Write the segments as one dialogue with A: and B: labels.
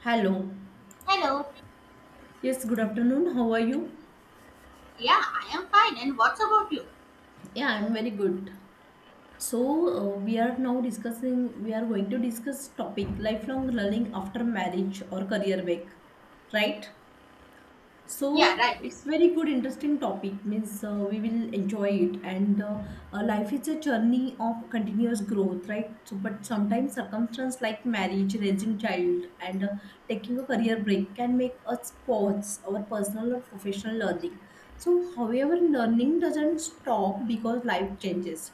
A: Hello.
B: Hello.
A: Yes, good afternoon. How are you?
B: Yeah, I am fine. And what's about you?
A: Yeah, I'm very good. So, we are now discussing, we are going to discuss topic lifelong learning after marriage or career break, right?
B: Yeah,
A: So
B: right.
A: it's very good, interesting topic. Means we will enjoy it, and life is a journey of continuous growth, right? So, but sometimes circumstances like marriage, raising child, and taking a career break can make us pause our personal or professional learning. So, however, learning doesn't stop because life changes.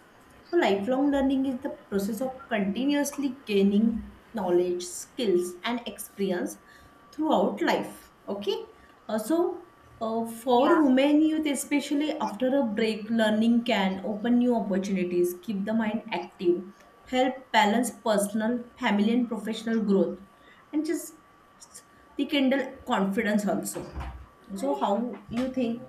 A: So, lifelong learning is the process of continuously gaining knowledge, skills, and experience throughout life. Okay. Uh, so for
B: Yeah,
A: women youth, especially after a break, learning can open new opportunities, keep the mind active, help balance personal, family and professional growth, and just rekindle confidence also. So how you think?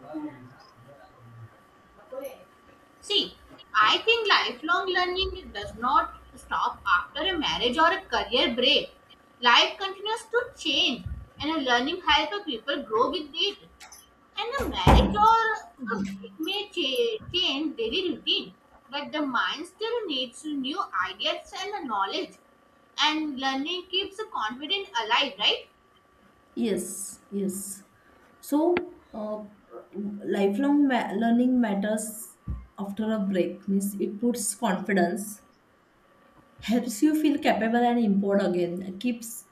B: see, I think lifelong learning does not stop after a marriage or a career break. Life continues to change, and a learning helps a people grow with it. And a marriage or a break may change daily routine, but the mind still needs new ideas and knowledge. And learning keeps the confidence alive, right?
A: Yes, yes. So uh, learning matters after a break means it puts confidence, helps you feel capable and empowered again, keeps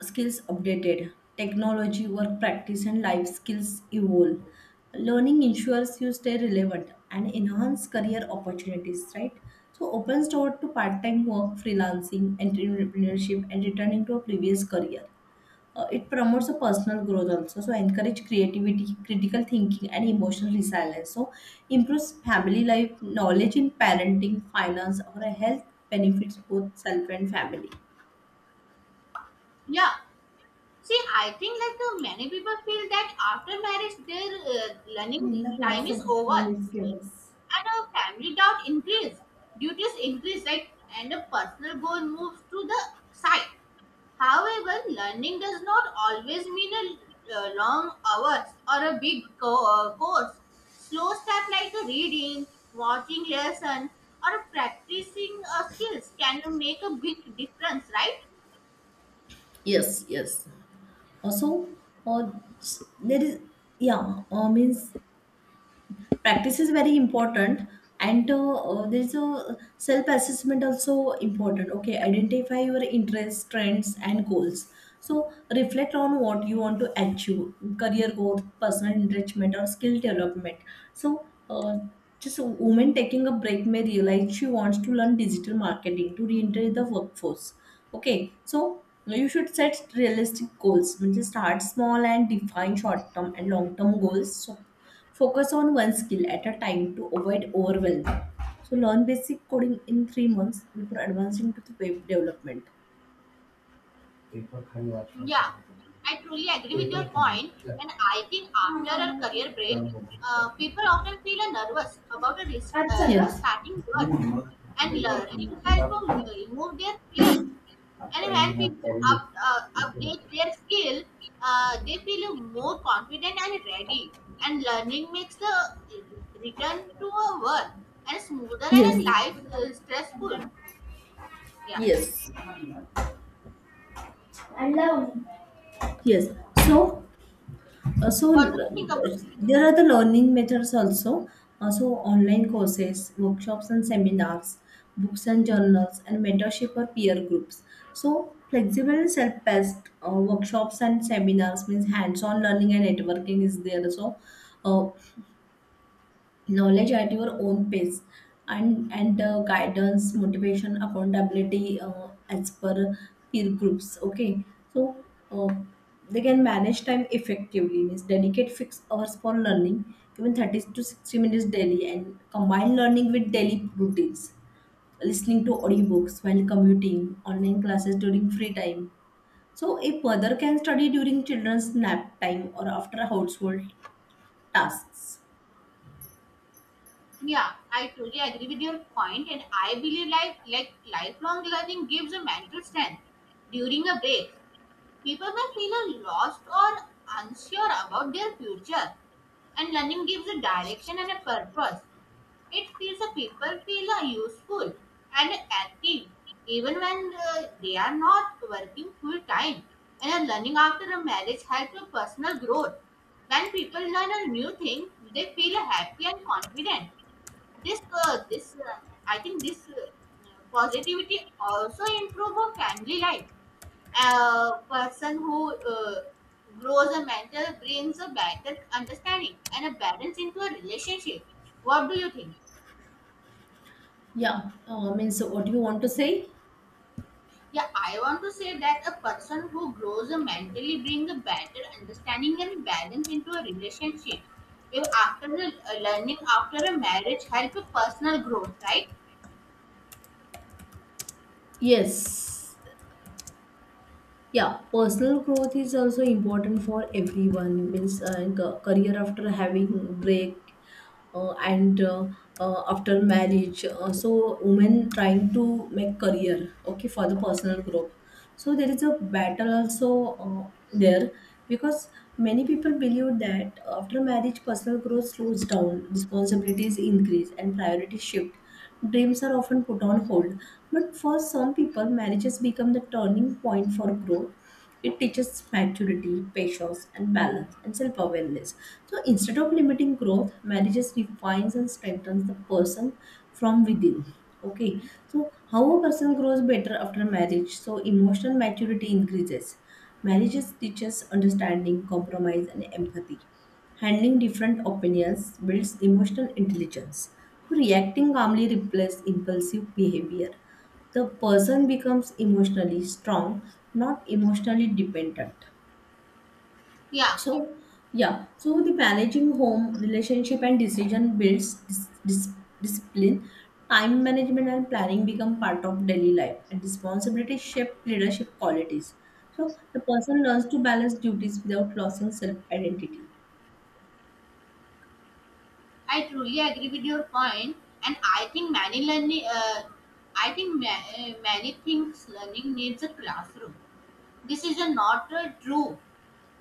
A: skills updated, technology, work practice, and life skills evolve. Learning ensures you stay relevant and enhance career opportunities, right? So, opens door to part time work, freelancing, entrepreneurship, and returning to a previous career. It promotes a personal growth also, so encourage creativity, critical thinking and emotional resilience, so improves family life, knowledge in parenting, finance or a health, benefits both self and family.
B: Yeah. See, I think like many people feel that after marriage, their learning
A: ನಿನ್ನ
B: time
A: class
B: is over,
A: miss gives.
B: and family doubt increase, duties increase, right? And a personal goal moves to the side. However, learning does not always mean a long hours or a big course. Slow steps like reading, watching lesson, or practicing skills can make a big difference, right?
A: Yes, yes, also. uh, there is, yeah means practice is very important, and there's a self assessment also important. Okay, identify your interests, trends and goals, so reflect on what you want to achieve, career growth, personal enrichment or skill development. so uh, just a woman taking a break may realize she wants to learn digital marketing to re-enter the workforce. Okay, so you should set realistic goals, म्हणजे start small and define short term and long term goals. So focus on one skill at a time to avoid overwhelm. So learn basic coding in 3 months before advancing to the web development.
B: Yeah, I truly agree with your point, and I think after a career break, people often feel a nervous about a restarting work, and learning help them remove their fear. And when people update their skill, they feel more confident and ready. And learning makes the return to a work and smoother
A: Yes.
B: and
A: Yes.
B: life stressful. Yeah,
A: Yes. Alone. Yes. So. Uh, so
B: what do
A: uh,
B: you think about it?
A: there are the learning methods also. Online courses, workshops and seminars, books and journals, and mentorship or peer groups. So flexible and self-paced, workshops and seminars means hands-on learning and networking is there. So uh, knowledge at your own pace, and the guidance, motivation, accountability as per peer groups. Okay. So uh, they can manage time effectively, means dedicate fixed hours for learning, even 30 to 60 minutes daily, and combine learning with daily routines, listening to audiobooks while commuting, online classes during free time. So a mother can study during children's nap time or after household tasks.
B: Yeah, I totally agree with your point, and I believe like lifelong learning gives a mental strength. During a break, people may feel lost or unsure about their future, and learning gives a direction and a purpose. It feels a people feel useful and active even when they are not working full time. And learning after a marriage helps with personal growth. When people learn a new thing, they feel happy and confident this this I think this Positivity also improve a family life, a person who uh, grows a mentor brings a better understanding and a balance into a relationship. What do you think?
A: Yeah, means what do you want to say?
B: Yeah, I want to say that a person who grows a mentally brings a better understanding and balance into a relationship if after the learning after a marriage help a personal growth, right?
A: Yes, yeah, personal growth is also important for everyone. Means career after having break, and after marriage. Women trying to make career, okay, for the personal growth. So there is a battle also there, because many people believe that after marriage personal growth slows down, responsibilities increase and priorities shift. Dreams are often put on hold, but for some people, marriages become the turning point for growth. It teaches maturity, patience, and balance, and self-awareness. So instead of limiting growth, marriages refines and strengthens the person from within. Okay, so how a person grows better after marriage? So emotional maturity increases. Marriages teaches understanding, compromise, and empathy. Handling different opinions builds emotional intelligence. Reacting calmly replaces impulsive behavior. The person becomes emotionally strong, not emotionally dependent.
B: Yeah,
A: So, yeah, so the managing home, relationship and decision builds discipline. Time management and planning become part of daily life, and responsibility shape leadership qualities. So, the person learns to balance duties without losing self identity.
B: I truly agree with your point, and I think many learning, many things learning needs a classroom. This is a not true,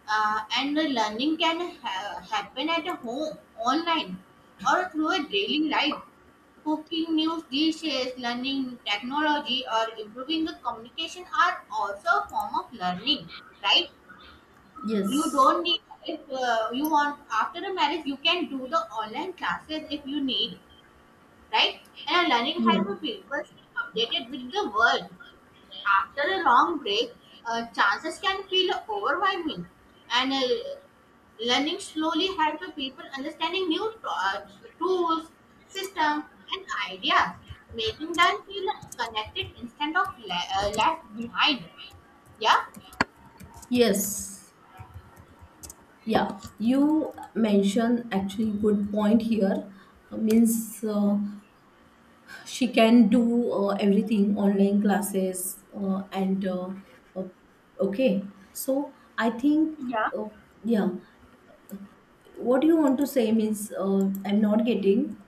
B: and the learning can happen at a home, online, or through a daily life. Cooking new dishes, learning technology, or improving the communication are also a form of learning, right? You
A: Yes.
B: don't need if you want after a marriage, you can do the online classes if you need, right? And our learning has
A: Yeah.
B: to be updated with the world. After a long break, chances can feel overwhelming, and learning slowly helps people understanding new tools, systems, and ideas, making them feel connected instead of left behind. Yeah.
A: Yes, yeah, you mentioned actually good point here. Means She can do everything, online classes, and uh, okay. So I think,
B: Yeah,
A: uh, yeah, what do you want to say? Means I'm not getting.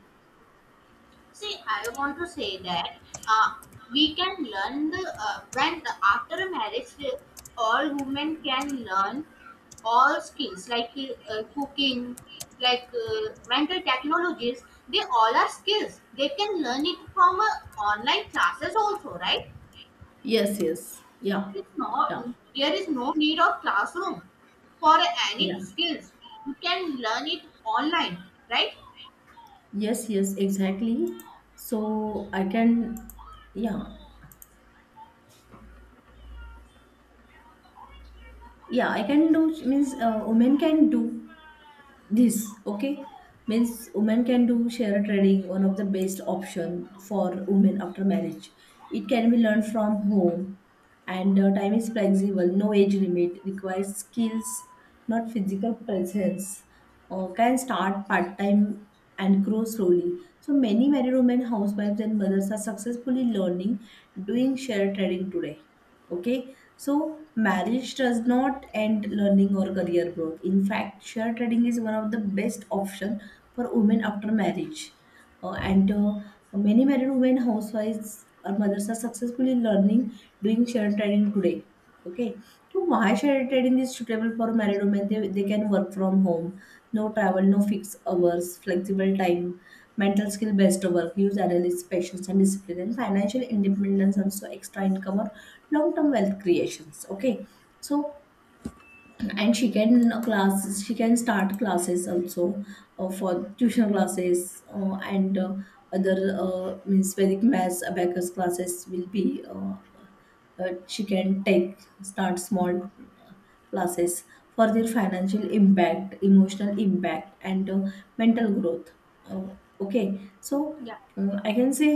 B: see, I want to say that uh, we can learn the when after a marriage, all women can learn all skills like cooking, like mental technologies. They all are skills. They can learn it from online classes also, right?
A: Yes, yes, yeah,
B: It's not,
A: yeah,
B: there is no need of classroom for any
A: yeah.
B: skills. You can learn it online, right?
A: Yes, yes, exactly. So I can, yeah, yeah, I can do, means women can do this. Okay, means women can do share trading, one of the best option for women after marriage. It can be learned from home, and time is flexible, no age limit, requires skills, not physical presence. Can start part time and grow slowly. So many married women, housewives and mothers are successfully learning, doing share trading today. Okay, so marriage does not end learning or career growth. In fact, share trading is one of the best option for women after marriage. And Many married women, housewives, or mothers are successfully learning, doing share trading today. Okay, so why shared trading is suitable for married women? They can work from home, no travel, no fixed hours, flexible time, mental skill based work, use analysis, patience, and discipline, and financial independence, and so extra income or long term wealth creations. Okay, so, and she can start classes also for tuition classes, and other means Vedic maths, abacus classes will be. She can take start small classes for their financial impact, emotional impact, and mental growth. Okay, so
B: Yeah,
A: I can say,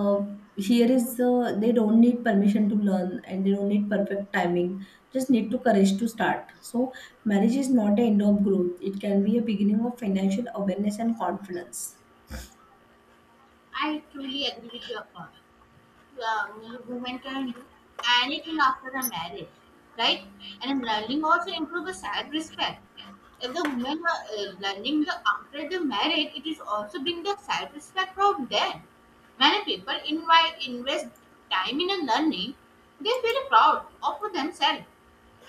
A: uh, here is the, they don't need permission to learn, and they don't need perfect timing, just need to courage to start. So marriage is not the end of growth, it can be a beginning of financial awareness and confidence.
B: I truly agree with your point. uh, Women can do anything after the marriage, right? And learning also improves self respect. If the women are learning the after the marriage, it is also bring the self respect from them. Many people invite invest time in a learning. They feel proud of themselves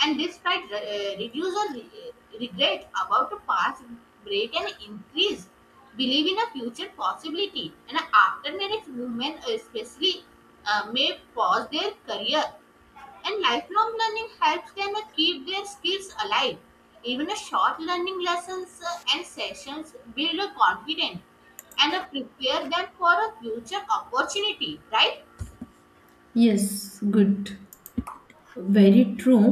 B: and despite reduce or regret about the past, break and increase believe in a future possibility. And after marriage, women especially may pause their career. And lifelong learning helps them keep their skills alive. Even a short learning lessons and sessions build a confidence and prepare them for a future opportunity, right?
A: Yes, good, very true.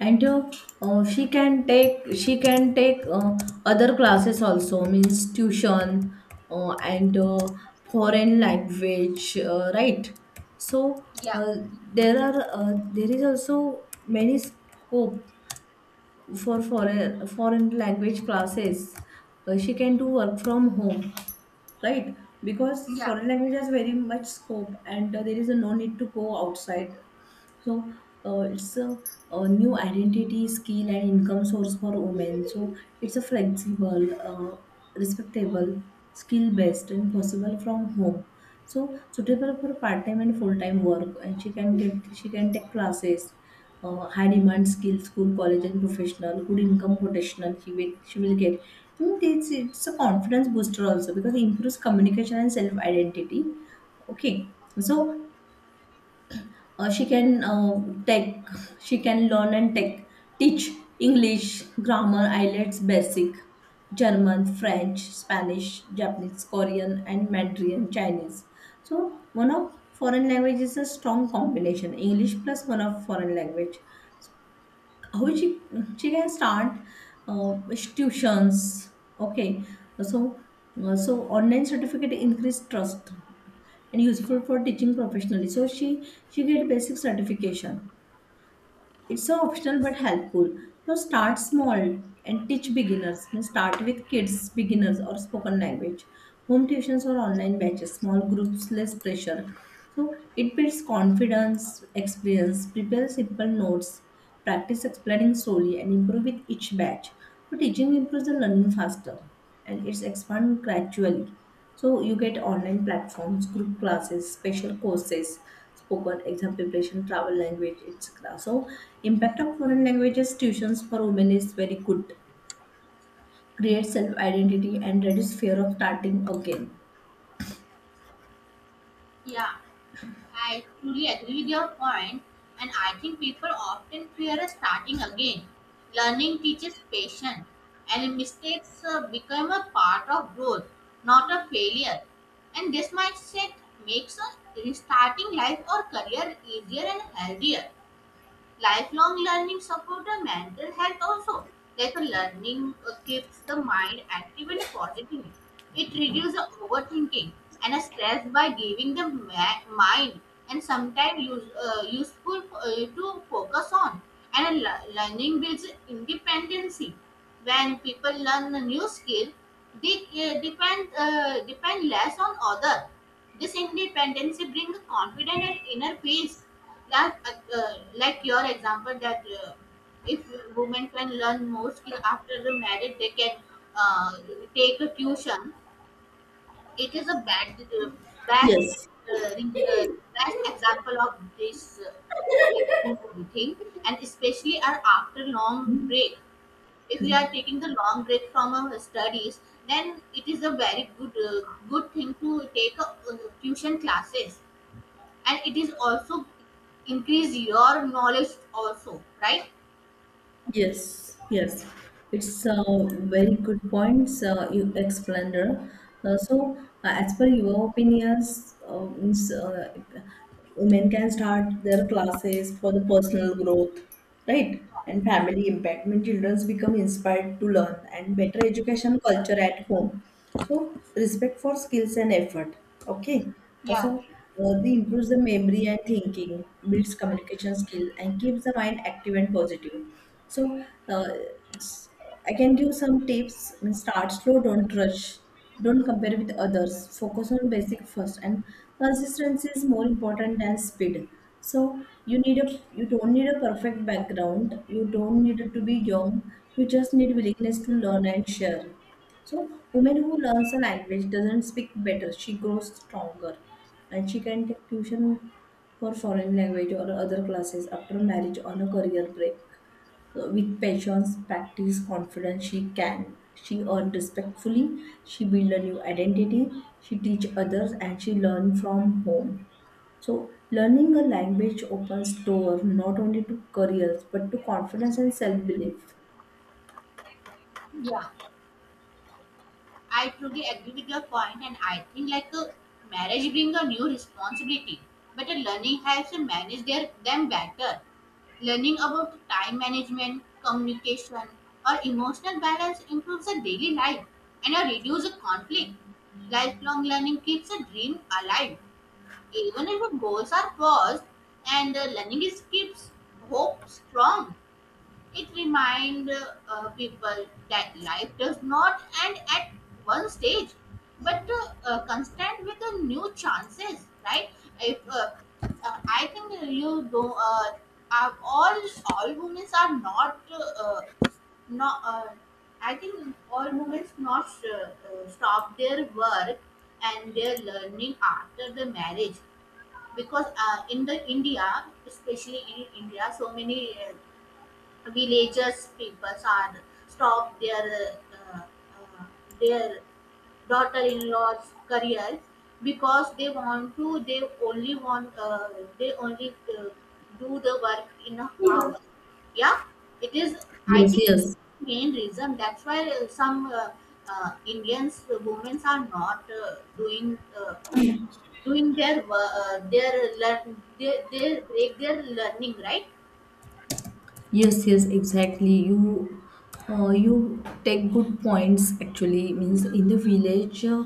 A: And she can take other classes also, means tuition, and foreign language, right. So
B: Yeah.
A: uh, there is also many scope for foreign language classes. She can do work from home, right? Because
B: Yeah.
A: foreign language has very much scope, and there is a no need to go outside. So it's a new identity, skill, and income source for women. So it's a flexible, respectable, skill based, and possible from home. So suitable for part time and full time work, and she can take classes. High demand skill, school, college, and professional, good income professional. She will get. And it's a confidence booster also, because it improves communication and self identity. Okay, so she can take, she can learn and take, teach English, grammar, IELTS, basic, German, French, Spanish, Japanese, Korean, and Mandarin Chinese. So one of foreign language is a strong combination, English plus one of foreign language. How She can start uh, tuitions. Okay, so so online certificate increase trust and useful for teaching professionally. So she get basic certification, it's so optional but helpful. So start small and teach beginners, means start with kids, beginners or spoken language, home tuitions or online batches, small groups, less pressure. So it builds confidence, experience, prepare simple notes. Practice explaining slowly and improve with each batch. So teaching improves the learning faster, and it's expand gradually. So you get online platforms, group classes, special courses, spoken exam preparation, travel language, etc. So impact of foreign languages tuitions for women is very good. Create self-identity and reduce fear of starting again.
B: Yeah. I truly agree with your point, and I think people often fear starting again. Learning teaches patience, and mistakes become a part of growth, not a failure. And this mindset makes restarting life or career easier and healthier. Lifelong learning support the mental health also, like a learning keeps the mind active and positive. It reduces the overthinking and a stress by giving the mind and sometimes useful to focus on. And learning builds independency. When people learn a new skill, they uh, depend less on other. This independency brings confidence and inner peace, like uh, like your example that if women can learn more skill after the marriage, they can uh, take a tuition. It is a bad best
A: Yes.
B: uh, re- uh, best example of this uh, thing. And especially are after long break, if we are taking the long break from our studies, then it is a very good thing to take a, tuition classes, and it is also increase your knowledge also, right?
A: Yes, yes, it's a very good point you explained. So, as per your opinions, means, women can start their classes for the personal growth, right? And family impact. When children become inspired to learn and better education culture at home. So respect for skills and effort. Okay.
B: Yeah. Okay.
A: They improves the memory and thinking, builds communication skill, and keeps the mind active and positive. So uh, s- I can give some tips. Means start slow, don't rush. Don't compare with others. Focus on basic first, and consistency is more important than speed. So you need a you don't need a perfect background. You don't need to be young. You just need willingness to learn and share. So, woman who learns a language doesn't speak better. She grows stronger, and she can take tuition for foreign language or other classes after marriage on a career break. So, with patience, practice, confidence, she can. She earn respectfully. She build a new identity. She teach others, and she learn from home. So, learning a language opens door not only to careers but to confidence and self belief.
B: Yeah, I truly agree with your point, and I think like a marriage bring a new responsibility, but a learning helps to manage their them better. Learning about time management, communication, or emotional balance improves the daily life and reduce the conflict. Lifelong learning keeps a dream alive even if the goals are paused, and the learning is keeps hope strong. It reminds people that life does not end at one stage, but constant with the new chances, right? If I think you do, are all women are not not. I think all women not stop their work and their learning after the marriage because in the India, especially in India, so many villagers, people are stop their daughter-in-law's career because they want to. They only want. They only do the work in a
A: Yes.
B: house. Yeah, it is. I
A: Yes,
B: think
A: yes.
B: main reason. That's why some Indians women are not doing their their learn. They break their learning, right?
A: Yes, yes, exactly. You take good points. Actually, means in the village,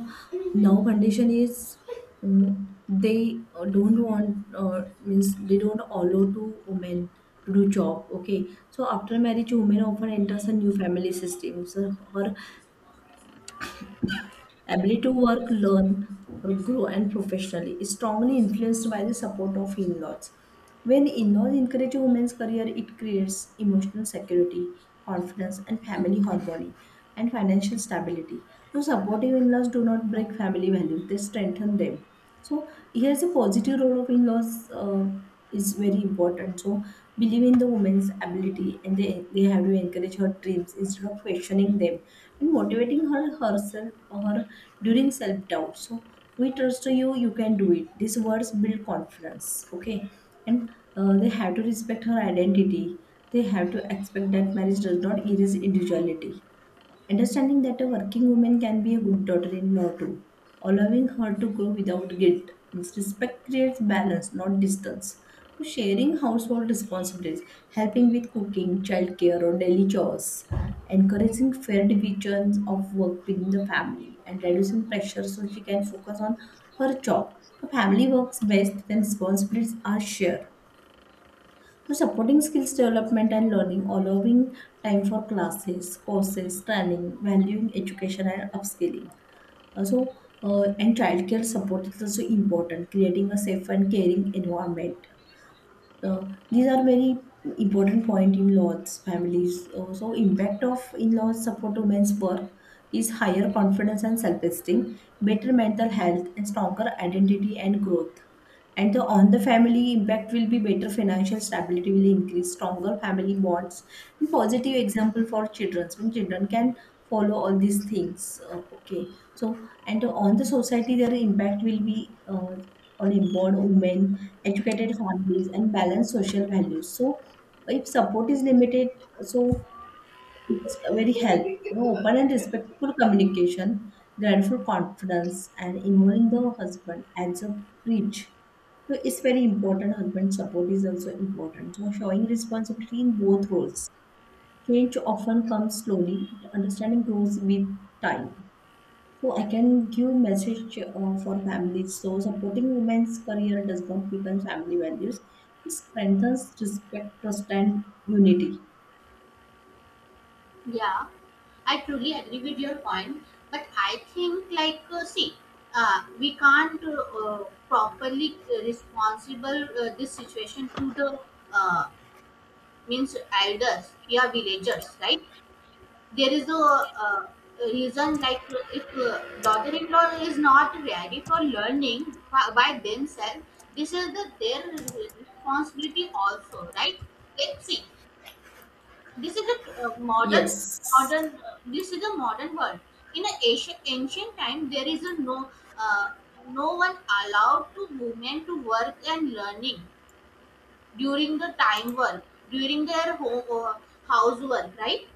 A: now condition is, mm, they don't want, means they don't allow to women to do job. Okay, so after marriage, women often enters a new family system. So her ability to work, learn, or grow and professionally is strongly influenced by the support of in-laws. When in-laws encourage a woman's career, it creates emotional security, confidence, and family harmony and financial stability. So supportive in-laws do not break family values, they strengthen them. So here's a positive role of in-laws is very important. So believe in the woman's ability and they have to encourage her dreams instead of questioning them and motivating her herself or her during self-doubt. So we trust you, you can do it. These words build confidence. Okay. And they have to respect her identity. They have to expect that marriage does not erase individuality. Understanding that a working woman can be a good daughter in law too, allowing her to grow without guilt. Means respect creates balance, not distance. So sharing household responsibilities, helping with cooking, childcare, or daily chores, encouraging fair divisions of work within the family, and reducing pressure so she can focus on her job. The family works best when responsibilities are shared. So supporting skills development and learning, allowing time for classes, courses, training, valuing education and upskilling. Also, and childcare support is also important, creating a safe and caring environment. These are very important point in laws families. So impact of in-laws support to men's work is higher confidence and self-esteem, better mental health, and stronger identity and growth. And on the family impact will be better financial stability will increase, stronger family bonds, and positive example for children. When children can follow all these things, okay. So and on the society, their impact will be. On empowered women, educated families, and balanced social values. So, if support is limited, so it's very help. Open and respectful communication, grateful confidence, and involving the husband as a bridge. So, it's very important. Husband support is also important. So, showing responsibility in both roles. Change often comes slowly. Understanding grows with time. So I can give message for families. So supporting women's career does not weaken family values. It strengthens respect, trust, and unity.
B: Yeah, I truly agree with your point, but I think like see, we can't properly responsible this situation to the uh, means elders, yeah, villagers, right? There is a uh, reason like if daughter-in-law is not ready for learning by themselves, this is the their responsibility also, right? Let's see. This is a
A: Yes.
B: modern. This is a modern world. In an ancient time, there is a no uh, no one allowed to women to work and learning during the time work during their home housework, right?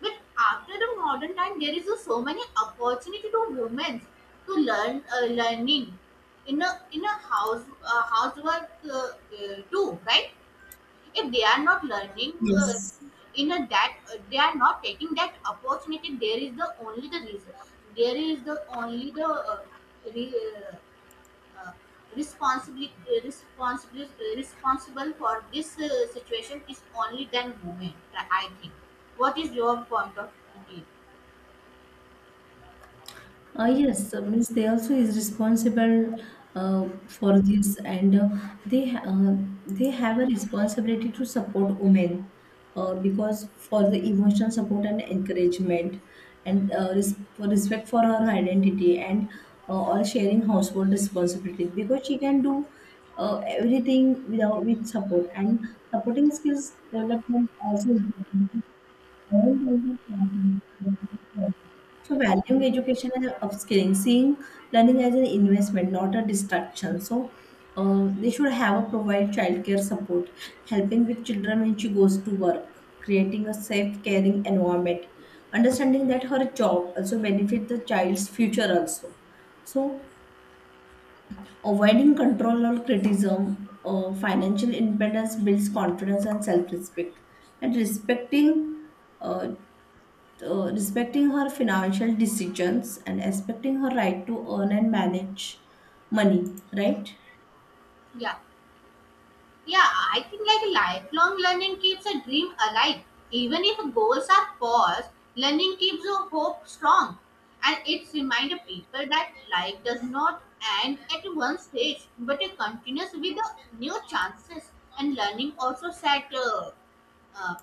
B: But after the modern time, there is a so many opportunity to women to learn learning in a house housework, too, right? If they are not learning uh,
A: Yes.
B: in a that they are not taking that opportunity, there is the only the reason. There is the only the re, uh, uh, responsibility responsible responsible for this situation is only then women. I think. What is your point of view?
A: Yes, means they also is responsible for this, and they ha- uh, they have a responsibility to support women because for the emotional support and encouragement, and for respect for her identity and or sharing household responsibilities because she can do everything without with support and supporting skills development also. Important. So valuing education and upskilling, seeing learning as an investment, not a distraction. So they should have a provide childcare support, helping with children when she goes to work, creating a safe, caring environment, understanding that her job also benefit the child's future also. So avoiding control or criticism, financial independence builds confidence and self-respect, and respecting uh, respecting her financial decisions and respecting her right to earn and manage money, right?
B: Yeah. Yeah, I think like lifelong learning keeps a dream alive. Even if goals are paused, learning keeps your hope strong. And it's reminder people that life does not end at one stage, but it continues with the new chances. And uh,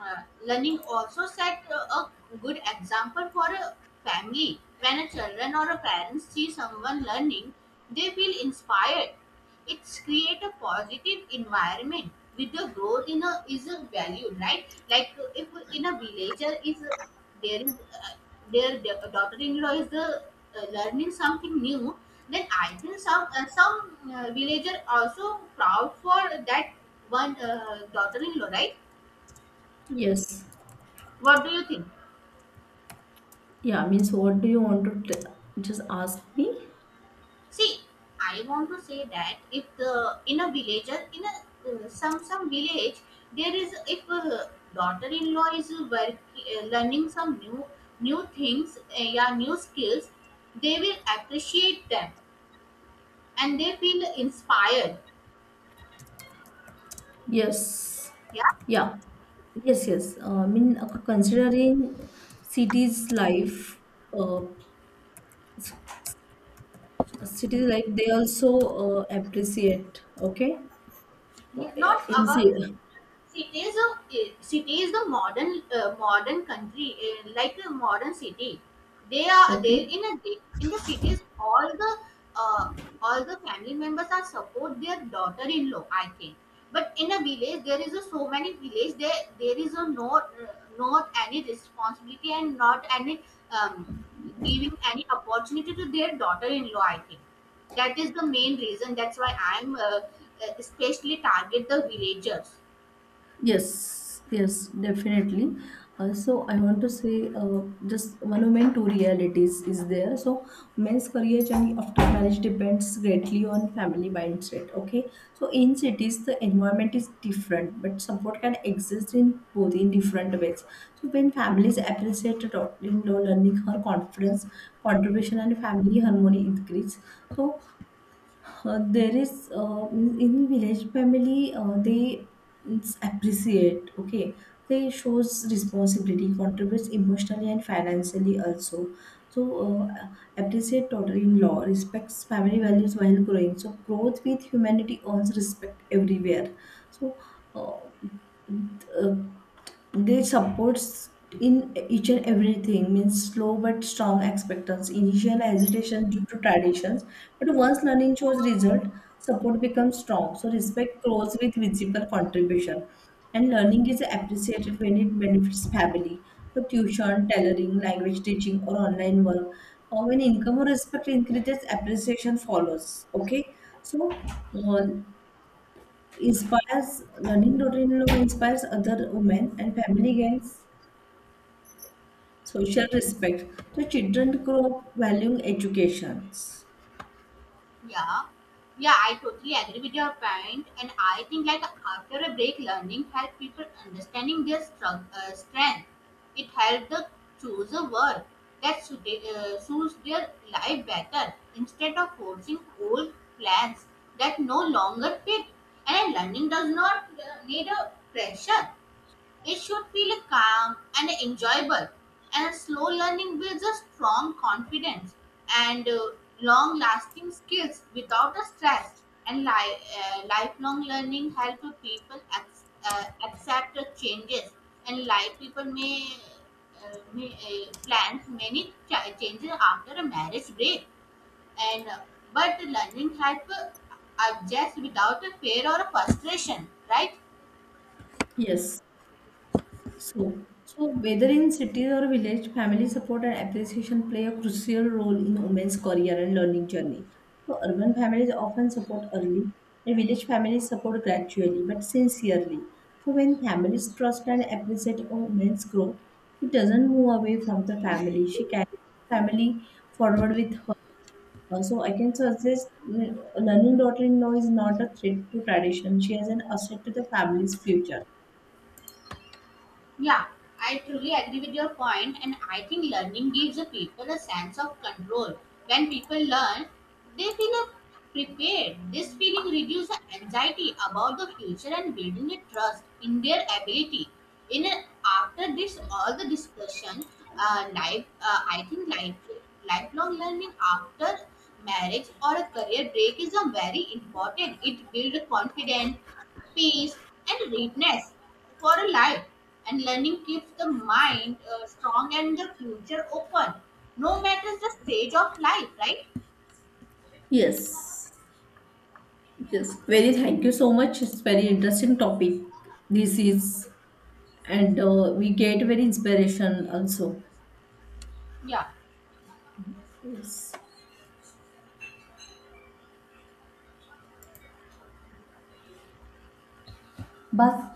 B: learning also set a good example for a family. When a children or a parents see someone learning, they feel inspired. It's create a positive environment with the growth in a is a value, right? Like if in a villager is there is uh, their daughter-in-law is the learning something new, then I think some villager also proud for that one daughter-in-law, right?
A: Yes.
B: What do you think?
A: Yeah, means what do you want to just ask me?
B: See, I want to say that if the in a villager in a some village, there is if a daughter-in-law is learning some new new things yeah new skills, they will appreciate them and they feel inspired.
A: Yes.
B: Yeah.
A: Yeah. Yes, yes. I mean, considering cities life, uh, cities life, they also appreciate. Okay. Uh,
B: Yeah, not
A: In
B: about
A: ci-
B: city is a city is the modern modern country like a modern city. They are
A: okay.
B: there in a in the cities. Uh, all the family members are support their daughter-in-law, I think, but in a village there is a so many village there there is a no not any responsibility and not any um, giving any opportunity to their daughter-in-law. I think that is the main reason. That's why I'm especially target the villagers.
A: Yes, yes, definitely. So I want to say just one monument two realities is there. So men's career journey after marriage depends greatly on family mindset. Okay, so in cities the environment is different, but support can exist in both in different ways. So when families appreciate a daughter-in-law learning her confidence, contribution, and family harmony increase. So there is means in village family they means appreciate, okay, they shows responsibility, contributes emotionally and financially also. So appreciate daughter-in-law respects family values while growing, so growth with humanity earns respect everywhere. So uh, they supports in each and everything, means slow but strong expectance, initial hesitation due to traditions, but once learning shows result, support becomes strong. So respect grows with visible contribution, and learning is appreciated when it benefits family. So tuition, tailoring, language teaching, or online work, or when income or respect increases, appreciation follows. Okay. So uh, inspires learning, routine look inspires other women and family gains social respect. The children grow up valuing educations.
B: Yeah, yeah, I totally agree with your point, and I think like after a break learning help people understanding their strength. It helps them choose a work that suits their life better instead of forcing old plans that no longer fit. And learning does not need a pressure. It should feel calm and enjoyable, and slow learning builds a strong confidence and long lasting skills without a stress. And lifelong learning helps people accept the changes, and like people may plan many changes after a marriage break, and but learning helps adjust without a fear or a frustration, right?
A: Yes. So, so whether in cities or village, family support and appreciation play a crucial role in women's career and learning journey. So, urban families often support early, and village families support gradually but sincerely. So, when families trust and appreciate a woman's growth, she doesn't move away from the family. She carries family forward with her. So, I can suggest learning daughter-in-law is not a threat to tradition. She is an asset to the family's future.
B: Yeah, I truly agree with your point, and I think learning gives the people a sense of control. When people learn, they feel prepared. This feeling reduces the anxiety about the future and building a trust in their ability. In a, after this, all the discussion, I think lifelong learning after marriage or a career break is a very important. It builds confidence, peace, and readiness for a life, and learning keeps the mind strong and the future open no matter the stage of life, right?
A: Yes. Yes, very thank you so much. It's very interesting topic. This is, and we get very inspiration also.
B: Yeah.
A: Yes. Bye.